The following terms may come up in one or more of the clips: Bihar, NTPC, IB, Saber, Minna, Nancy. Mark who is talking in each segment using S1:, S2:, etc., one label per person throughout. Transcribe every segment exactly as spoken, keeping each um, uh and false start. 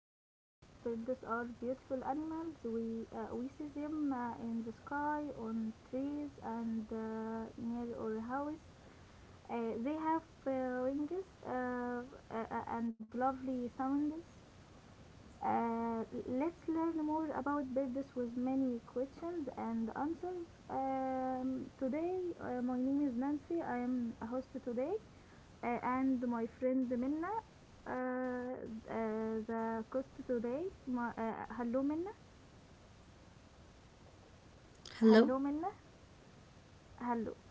S1: uh, birds. Birds are beautiful animals. We uh, we see them uh, in the sky, on trees, and uh, near our house. Uh, they have uh, wings uh, uh, uh, and lovely sounds. Uh, let's learn more about birds with many questions and answers. Um, today, uh, my name is Nancy. I am a host today uh, and my friend Minna. Uh, uh, the cost today. Ma, uh, hello Minna.
S2: Hello,
S1: Hello Minna. Hello.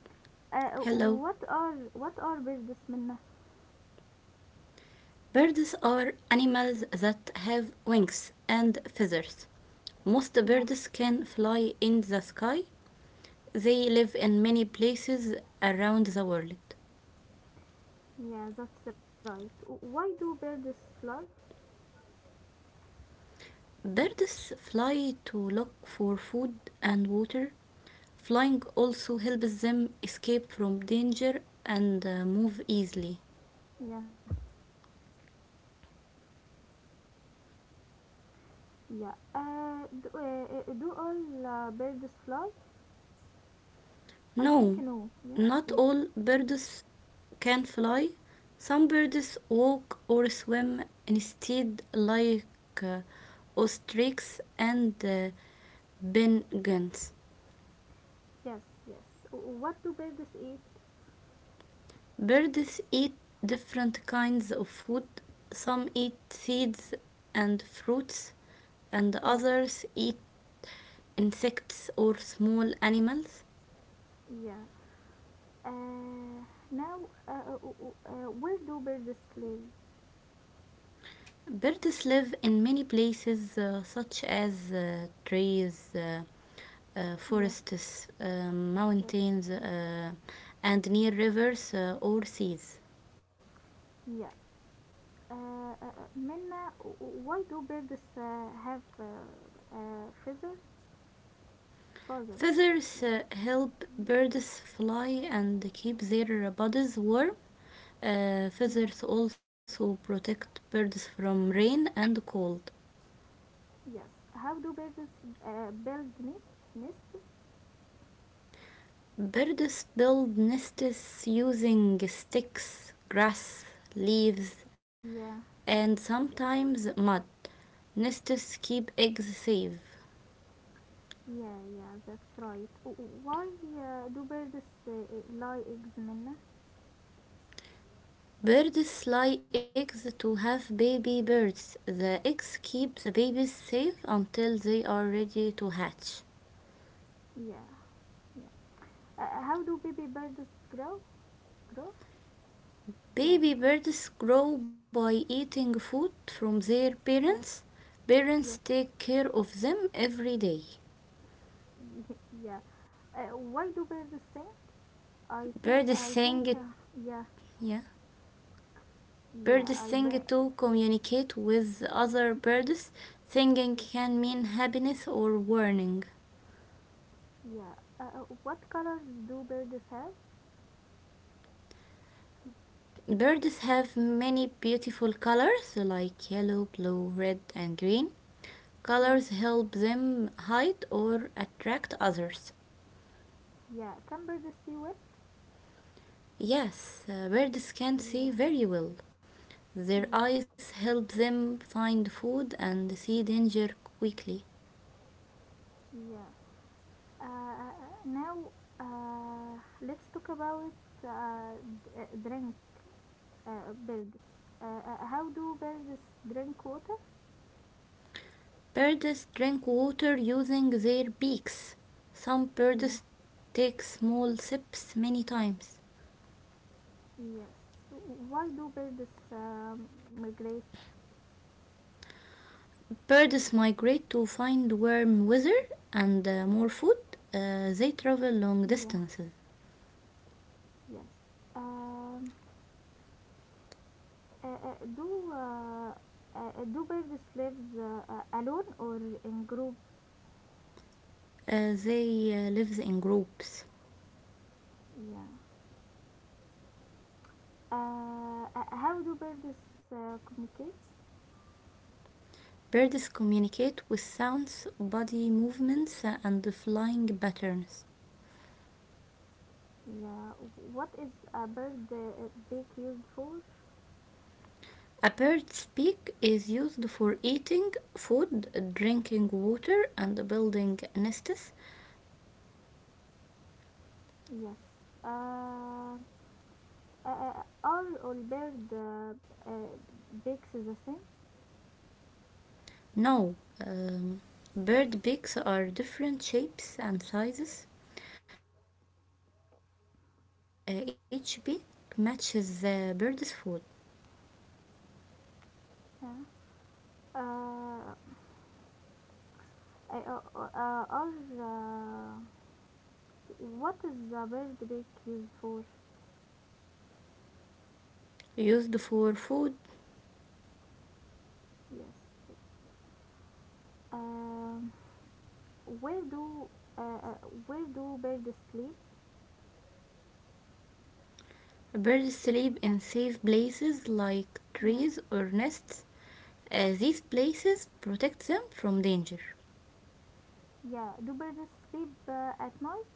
S1: Uh,
S2: hello.
S1: what are what are birds, Minna?
S2: Birds are animals that have wings and feathers. Most
S1: Yeah,
S2: birds can fly in the sky. They live in many places around the world.
S1: yeah, that's right. Why do birds fly?
S2: Birds fly to look for food and water. Flying also helps them escape from danger and uh, move easily.
S1: Yeah, yeah. Uh, do, uh, uh, do all uh, birds fly? I think
S2: No,
S1: no. Yeah,
S2: not
S1: yeah.
S2: all birds can fly. Some birds walk or swim instead, like uh, ostriches and uh, penguins.
S1: Yes, yes. What do birds eat?
S2: Birds eat different kinds of food. Some eat seeds and fruits, and
S1: Yes,
S2: others eat insects or small animals.
S1: yeah. Uh, Now, uh, uh, uh, where do birds live?
S2: Birds live in many places, uh, such as uh, trees, uh, uh,
S1: Yeah.
S2: forests, uh,
S1: Yes.
S2: mountains, uh, and near rivers uh, or seas.
S1: Yeah. Uh, uh, uh, Minna, w- w- why do birds uh, have uh, uh, feathers? Feathers. Yeah.
S2: Feathers uh, help
S1: Yeah.
S2: birds fly and keep their bodies warm. Uh,
S1: Yeah.
S2: feathers also protect birds from rain and cold.
S1: Yes. How do birds uh, build ne- nests?
S2: Birds build nests using sticks, grass, leaves,
S1: Yeah.
S2: and
S1: Yeah.
S2: sometimes mud. Nests keep eggs safe.
S1: Yeah. Yeah. That's right. W- w- Why uh, do birds uh, uh, lay eggs, Minna?
S2: Birds lay eggs to have baby birds. The eggs keep the babies safe until they are ready to hatch.
S1: Yeah. Yeah. Uh, uh, how do baby birds grow? Grow? Yeah.
S2: Baby
S1: Grow.
S2: birds grow by eating food from their parents.
S1: Yes.
S2: Parents
S1: Yes.
S2: take care of them every day.
S1: Yeah. Uh, why do birds sing? I think
S2: Birds
S1: I
S2: sing,
S1: think uh, Yeah,
S2: yeah.
S1: yeah,
S2: Birds
S1: I
S2: sing
S1: bet.
S2: to communicate with other birds. Singing
S1: Yes,
S2: can mean happiness or warning.
S1: yeah. Uh, uh, what colors do birds have?
S2: Birds have many beautiful colors like yellow, blue, red, and green.
S1: Yes,
S2: Colors help them hide or attract others.
S1: yeah. Can birds see well?
S2: Yes, uh, birds can see
S1: Yeah,
S2: very well. Their
S1: yeah,
S2: eyes help them find food and see danger quickly.
S1: yeah. Uh, uh, uh, now, uh, let's talk about uh, d- uh, drink uh, birds. uh, uh, how do birds drink water?
S2: Birds drink water using their beaks. Some
S1: Yeah.
S2: birds take small sips many times.
S1: Yes. Why do birds um, migrate?
S2: Birds migrate to find warm weather and uh, more food. Uh, they travel long
S1: Yeah.
S2: distances.
S1: Yes. um, Uh, uh, do uh, uh, do birds lives uh, uh, alone or in groups?
S2: Uh, they uh, Live in groups.
S1: Yeah. Uh, uh, how do birds uh, communicate?
S2: Birds communicate with sounds, body movements, and flying patterns.
S1: Yeah. What is a bird uh, beak used for?
S2: A bird's beak is used for eating food, drinking water, and building nests.
S1: Yes. Uh, uh, uh, are all bird uh, uh, beaks the same?
S2: No, um, bird beaks are different shapes and sizes. Uh, each beak matches the bird's food.
S1: Yeah. Uh, uh, uh, uh, or uh, what is a bird beak used for?
S2: Used for food,
S1: Yes, yes. Uh, Where do uh, uh, where do birds sleep?
S2: birds sleep in safe places like
S1: Yeah.
S2: trees or nests. Uh, these places protect them from danger.
S1: Yeah, do birds sleep uh, at night?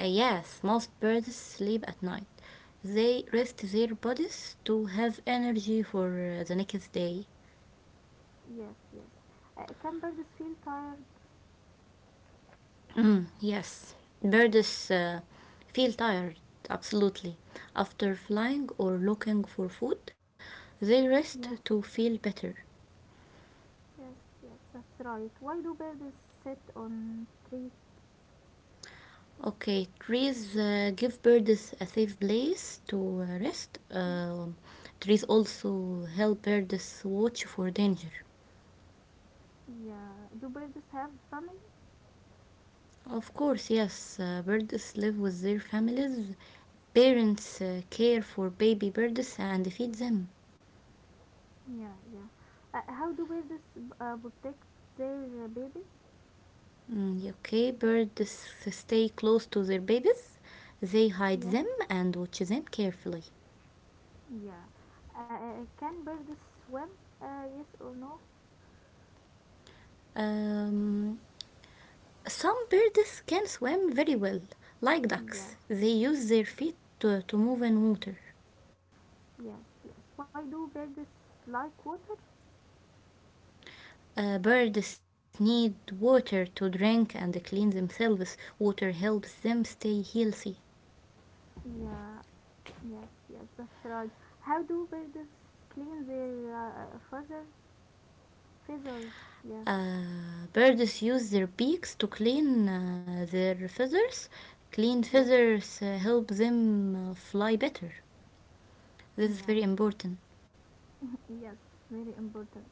S2: Uh, yes, most birds sleep at night. They rest their bodies to have energy for uh, the next day.
S1: Yes, yes. Uh, can birds feel tired?
S2: Mm, yes, birds uh, feel tired, absolutely. After flying or looking for food, they rest
S1: Yeah.
S2: to feel better.
S1: Yes, yes, that's right. Why do birds sit on trees?
S2: Okay, trees uh, give birds a safe place to uh, rest.
S1: Yeah.
S2: Um, trees also help birds watch for danger.
S1: Yeah. Do birds have family?
S2: Of course, yes, uh, birds live with their families. Parents uh, care for baby birds and feed them.
S1: Yeah, yeah. Uh, how do birds uh, protect their babies?
S2: Mm, okay, birds stay close to their babies. They hide
S1: Yeah.
S2: them and watch them carefully.
S1: Yeah. Uh, can birds swim? Uh, yes or no?
S2: Um, some birds can swim very well, like ducks.
S1: Yeah.
S2: They use their feet to, to move in water.
S1: Yes, yes. Why do birds like water?
S2: Uh, birds need water to drink and clean themselves. Water helps them stay healthy.
S1: Yeah, yes, yes, that's right. How do birds clean their uh, feathers? Feathers, yeah,
S2: Uh, birds use their beaks to clean uh, their feathers. Clean
S1: yes,
S2: feathers uh, help them uh, fly better. This is very
S1: yeah,
S2: important.
S1: yes, very important.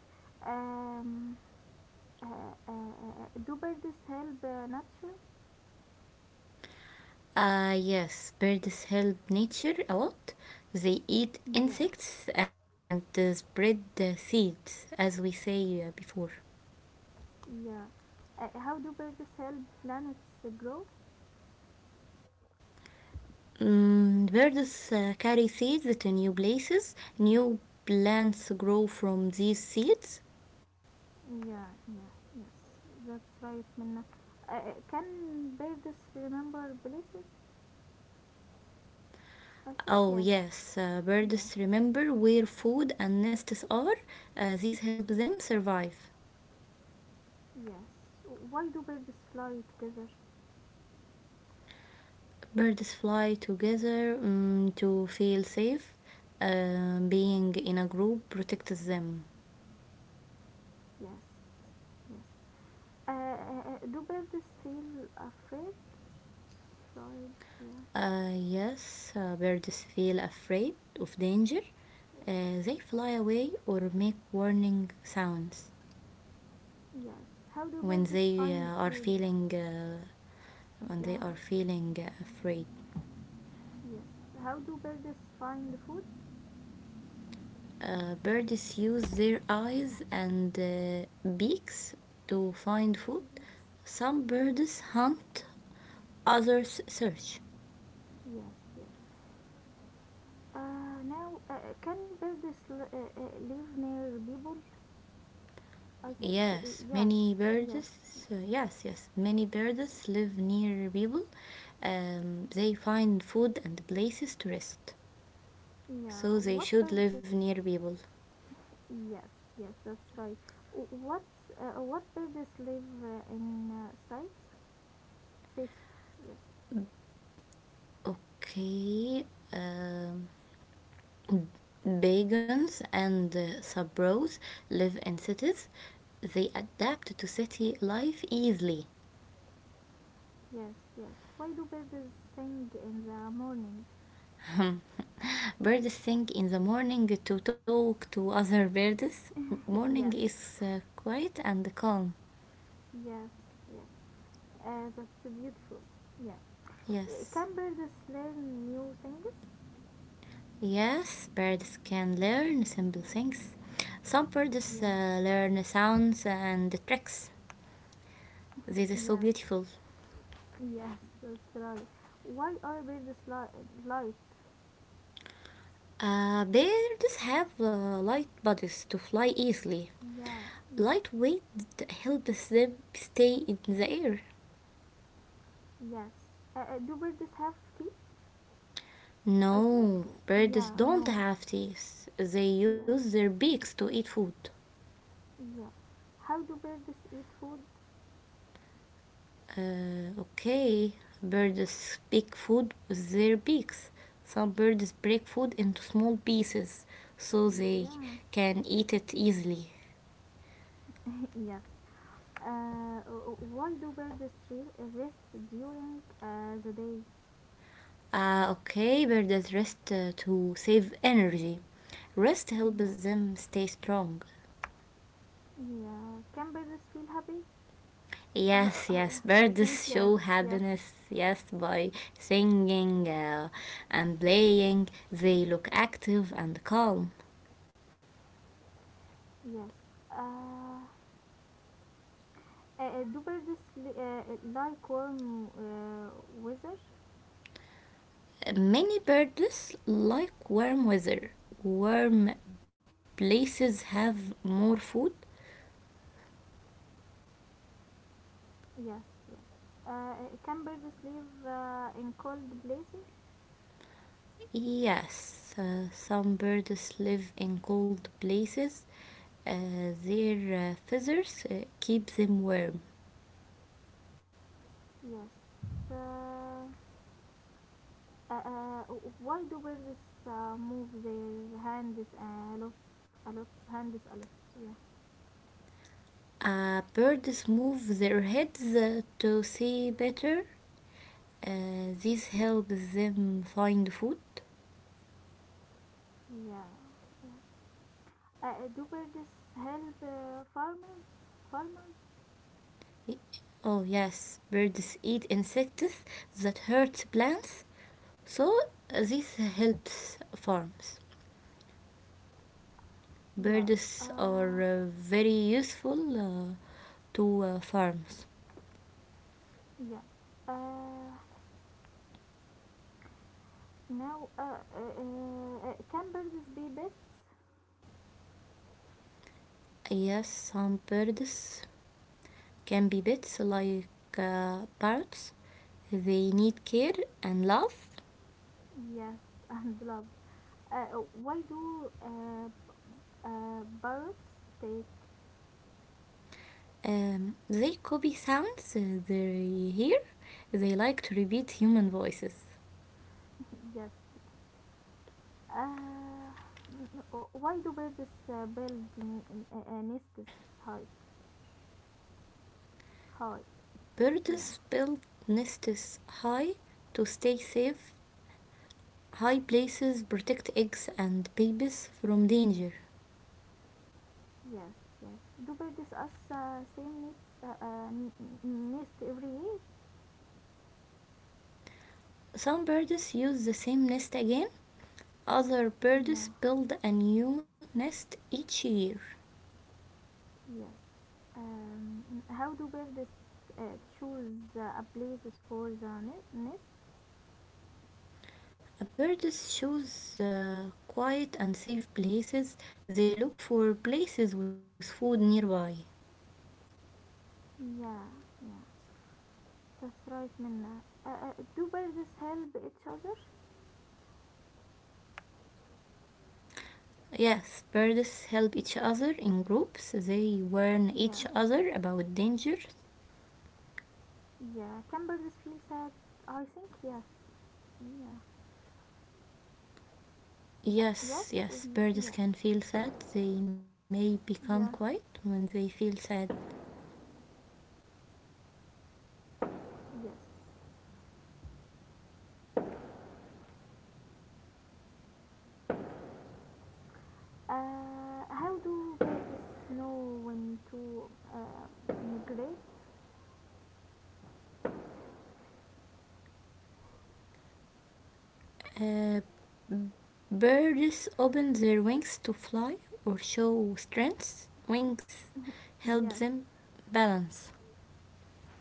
S1: Um, uh, uh, uh, uh, do birds help uh, nature?
S2: Uh, yes, birds help nature a lot. They eat
S1: Yeah,
S2: insects and uh, spread uh, seeds, as we say uh, before.
S1: yeah. Uh, how do birds help planets grow?
S2: Mm, birds uh, carry seeds to new places. New plants grow from these seeds.
S1: Yeah, yeah, yes, that's right, Minna. Uh, uh, can birds remember places? I think
S2: Oh
S1: yes,
S2: yes, uh,
S1: yeah.
S2: birds remember where food and nests are. Uh, these help them survive.
S1: Yes. Why do birds fly together?
S2: Birds fly together, mm, to feel safe. Uh, being in a group protects them.
S1: Yes. Yes. Uh, uh, uh, do birds feel afraid? Afraid, yeah.
S2: Uh, yes, uh, birds feel afraid of danger.
S1: Yes.
S2: Uh, they fly away or make warning sounds
S1: Yes. How do
S2: when
S1: birds
S2: they
S1: find
S2: uh, are
S1: food?
S2: feeling uh, when they
S1: Yeah.
S2: are feeling uh, afraid.
S1: Yes. How do birds find food?
S2: Uh, birds use their eyes and uh, beaks to find food. Some birds hunt, others search.
S1: Yes, yes. Uh, now, uh, can birds l- uh, uh, live near people? I think uh,
S2: Yes,
S1: yes,
S2: many birds.
S1: yes, yes.
S2: Uh, yes, yes, many birds live near people. Um, they find food and places to rest.
S1: Yeah.
S2: So they
S1: What
S2: should
S1: birds?
S2: live near people.
S1: Yes, yes, that's right. W- What uh, what birds live uh, in uh, sites? Sits. Yes,
S2: Okay. Um, Bagans and uh, Sabros live in cities. They adapt to city life easily.
S1: yes, yes. Why do birds sing in the morning?
S2: Birds sing in the morning to talk to other birds. Morning
S1: Yes,
S2: is uh, quiet and calm.
S1: yes, yes. Uh, that's beautiful. Yeah. Uh,
S2: Yes.
S1: Can birds learn new things?
S2: Yes, birds can learn simple things. Some birds
S1: Yeah.
S2: uh, learn sounds and tricks. This is so
S1: Yes.
S2: beautiful.
S1: Yes, that's right. Why are birds li- light?
S2: Uh, birds have uh, light bodies to fly easily.
S1: Yeah. Yeah.
S2: Light weight helps them stay in the air.
S1: Yes. Uh, uh, do birds have teeth? I think,
S2: No, birds
S1: yeah,
S2: don't
S1: no,
S2: have teeth. They
S1: yeah,
S2: use their beaks to eat food.
S1: yeah. How do birds eat food?
S2: Uh, okay, birds pick food with their beaks. Some birds break food into small pieces so they
S1: Yeah,
S2: can eat it easily.
S1: yes. Uh, why do birds re- rest during uh, the day?
S2: Uh, okay, birds rest uh, to save energy. Rest
S1: Yes.
S2: helps them stay strong.
S1: Yeah. Can birds feel happy? Uh, uh,
S2: Yes,
S1: oh,
S2: yes,
S1: yeah. I think
S2: birds
S1: yes,
S2: show
S1: yes,
S2: happiness, yes, by singing uh, and playing. They look active and calm.
S1: yes. Uh, uh, do birds li- uh, like warm uh, weather?
S2: Many birds like warm weather. Warm places have more food.
S1: Yes, yes. Uh, can birds live uh, in cold places?
S2: Yes, uh, some birds live in cold places. Uh, their uh, feathers uh, keep them warm.
S1: Yes. Uh, uh, uh, why do birds uh, move their hands a lot? A lot. Hands a lot. Yeah.
S2: Uh, birds move their heads uh, to see better. Uh, this helps them find food.
S1: Yeah. Yeah. Uh, do birds help uh, farmers? Farmers?
S2: Oh, yes, birds eat insects that hurt plants, so uh, this helps farms.
S1: Yeah.
S2: Birds
S1: Uh,
S2: are uh, very useful uh, to uh, farms.
S1: yeah. Uh, Now, uh, uh, uh, uh, can birds be pets?
S2: Yes, some birds can be pets like uh, parrots. They need care and love.
S1: Yes, and love. Uh, why do uh, uh, birds take?
S2: Um, they copy sounds uh, they hear. They like to repeat human voices.
S1: Yes, yes. Uh, why do birds uh, build ne- uh, nests high? High,
S2: Birds
S1: yeah,
S2: build nests high to stay safe. High places protect eggs and babies from danger.
S1: yes, yes. Do birds us uh, same nests uh, uh, n- n- nest every year?
S2: Some birds use the same nest again. Other birds
S1: Yeah,
S2: build a new nest each year.
S1: yes. Um, how do birds uh, choose uh, a places for the ne- nest?
S2: Birds choose uh, quiet and safe places. They look for places with food nearby.
S1: Yeah, yeah. That's right, Minna. Uh, uh, do birds help each other?
S2: Yes, birds help each other in groups. They warn
S1: Yeah,
S2: each other about danger.
S1: yeah. Can birds feel sad? I think yes. Yeah. Yes,
S2: Yes, yes,
S1: um,
S2: birds
S1: yes,
S2: can feel sad. They may become quiet
S1: yeah,
S2: when they feel sad.
S1: yes. Uh, how do birds know when to uh, migrate?
S2: Uh, Birds open their wings to fly or show strength. Wings help
S1: Yes,
S2: them balance.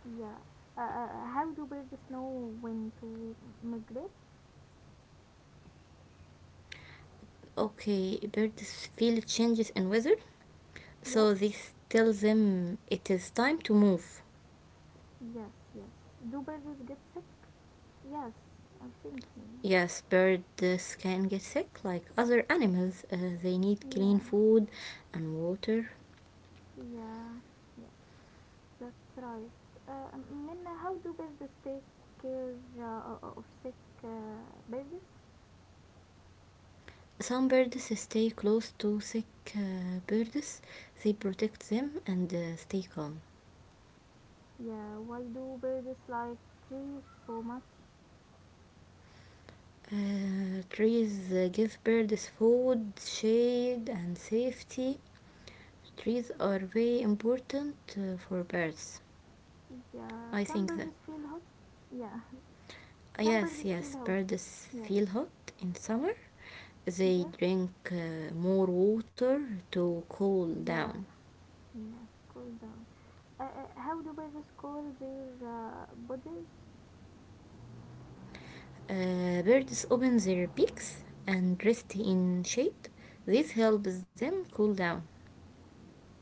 S1: yeah. Uh, uh, how do birds know when to migrate?
S2: Okay, birds feel changes in weather,
S1: Yes,
S2: so this tells them it is time to move.
S1: yes, yes. Do birds get sick? Yes, I think yeah,
S2: Yes, birds can get sick like other animals. Uh, they need clean
S1: yeah,
S2: food and water.
S1: yeah. Yeah. That's right. Uh, Minna, how do birds take care uh, of sick uh, birds?
S2: Some birds stay close to sick uh, birds, they protect them and uh, stay calm.
S1: Yeah, why do birds like trees so much?
S2: Uh, trees uh, give birds food, shade, and safety. Trees are very important uh, for birds.
S1: Yeah,
S2: I
S1: can
S2: think that.
S1: birds feel hot? Yeah, can
S2: Yes,
S1: birds feel
S2: yes,
S1: hot?
S2: birds
S1: Yes.
S2: feel hot in summer. They
S1: Yeah,
S2: drink uh, more water to cool
S1: yeah,
S2: down.
S1: yeah, to cool down. Uh, uh, how do birds cool their uh, bodies?
S2: Uh, birds open their beaks and rest in shade. This helps them cool down.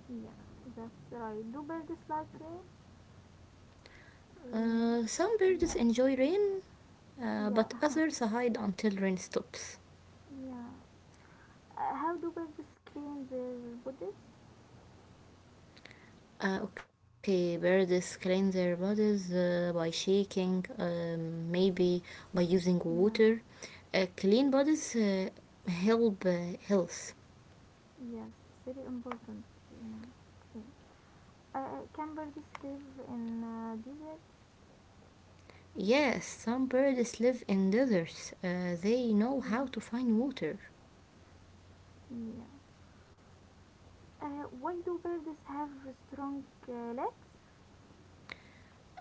S1: Yeah, that's right. Do birds like rain? Rain.
S2: Uh, some birds
S1: Yeah,
S2: enjoy rain, uh,
S1: yeah,
S2: but others hide until rain stops.
S1: yeah. Uh, how do birds clean their bodies?
S2: Uh, okay, birds clean their bodies uh, by shaking, um, maybe by using
S1: Yeah,
S2: water. Uh, clean bodies uh, help uh, health.
S1: yes, very important. Yeah, clean. Uh, can birds live in uh, deserts?
S2: Yes, some birds live in deserts. Uh, they know
S1: Yeah,
S2: how to find water.
S1: yeah. Uh, why do birds have strong uh, legs?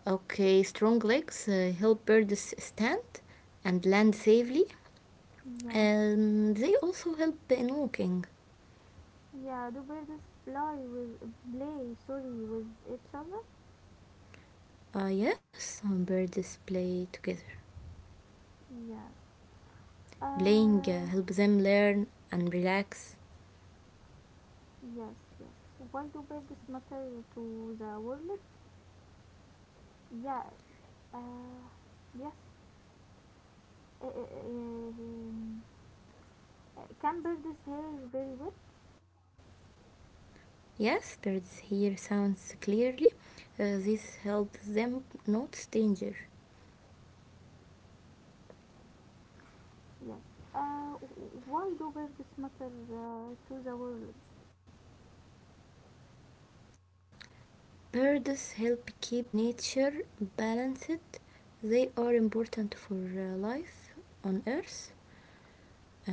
S2: Okay, strong legs uh, help birds stand and land safely.
S1: Yeah,
S2: And they also help in walking.
S1: yeah. Do birds play with play? Sorry, with each other?
S2: Uh, yes, um, birds play together.
S1: Yeah.
S2: Playing
S1: Uh,
S2: uh, helps them learn and relax.
S1: yes, yes. Why do birds matter to the world? Yeah. Uh, yes. Uh, uh, uh, um, uh, can birds hear very well?
S2: Yes, birds hear sounds clearly. Uh, this helps them notice danger.
S1: Yes. Uh, why do birds matter uh, to the world?
S2: Birds help keep nature balanced. They are important for uh, life on Earth.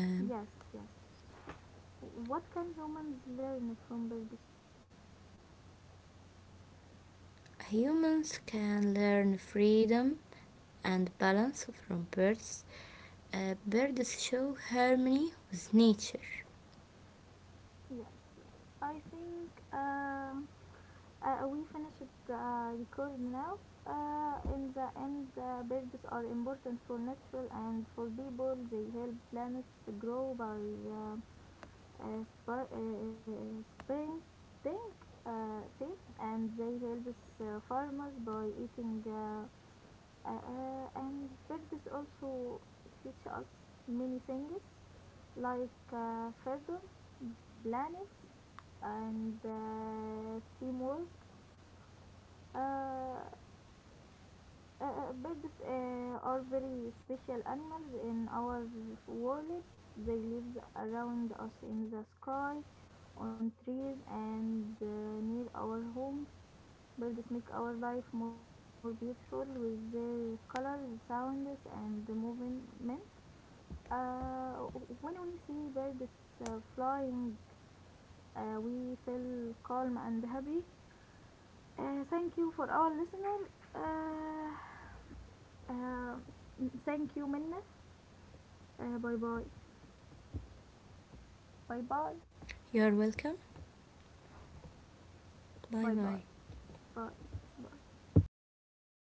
S2: Um,
S1: Yes, yes. What can humans learn from birds?
S2: humans can learn freedom and balance from birds. Uh, birds show harmony with nature.
S1: Yes, yes. I think um, uh, we finished the record now. Uh, in the end, uh, birds are important for natural and for people. They help planets grow by uh, uh, spar- uh, uh, spreading uh, seeds, and they help uh, farmers by eating. Uh, uh, uh, and birds also teach us many things like uh, freedom, plans, and uh, teamwork. Uh, uh, Birds uh, are very special animals in our world. They live around us in the sky, on trees, and uh, near our homes. Birds make our life more beautiful with their colors, sounds, and movement. Uh, when we see birds uh, flying, uh, we feel calm and happy. Uh, thank you for our listener. Uh, uh, Thank you, Minna. Uh, bye bye. Bye bye.
S2: You are welcome. Bye
S1: Bye
S2: bye.
S1: bye. Bye bye.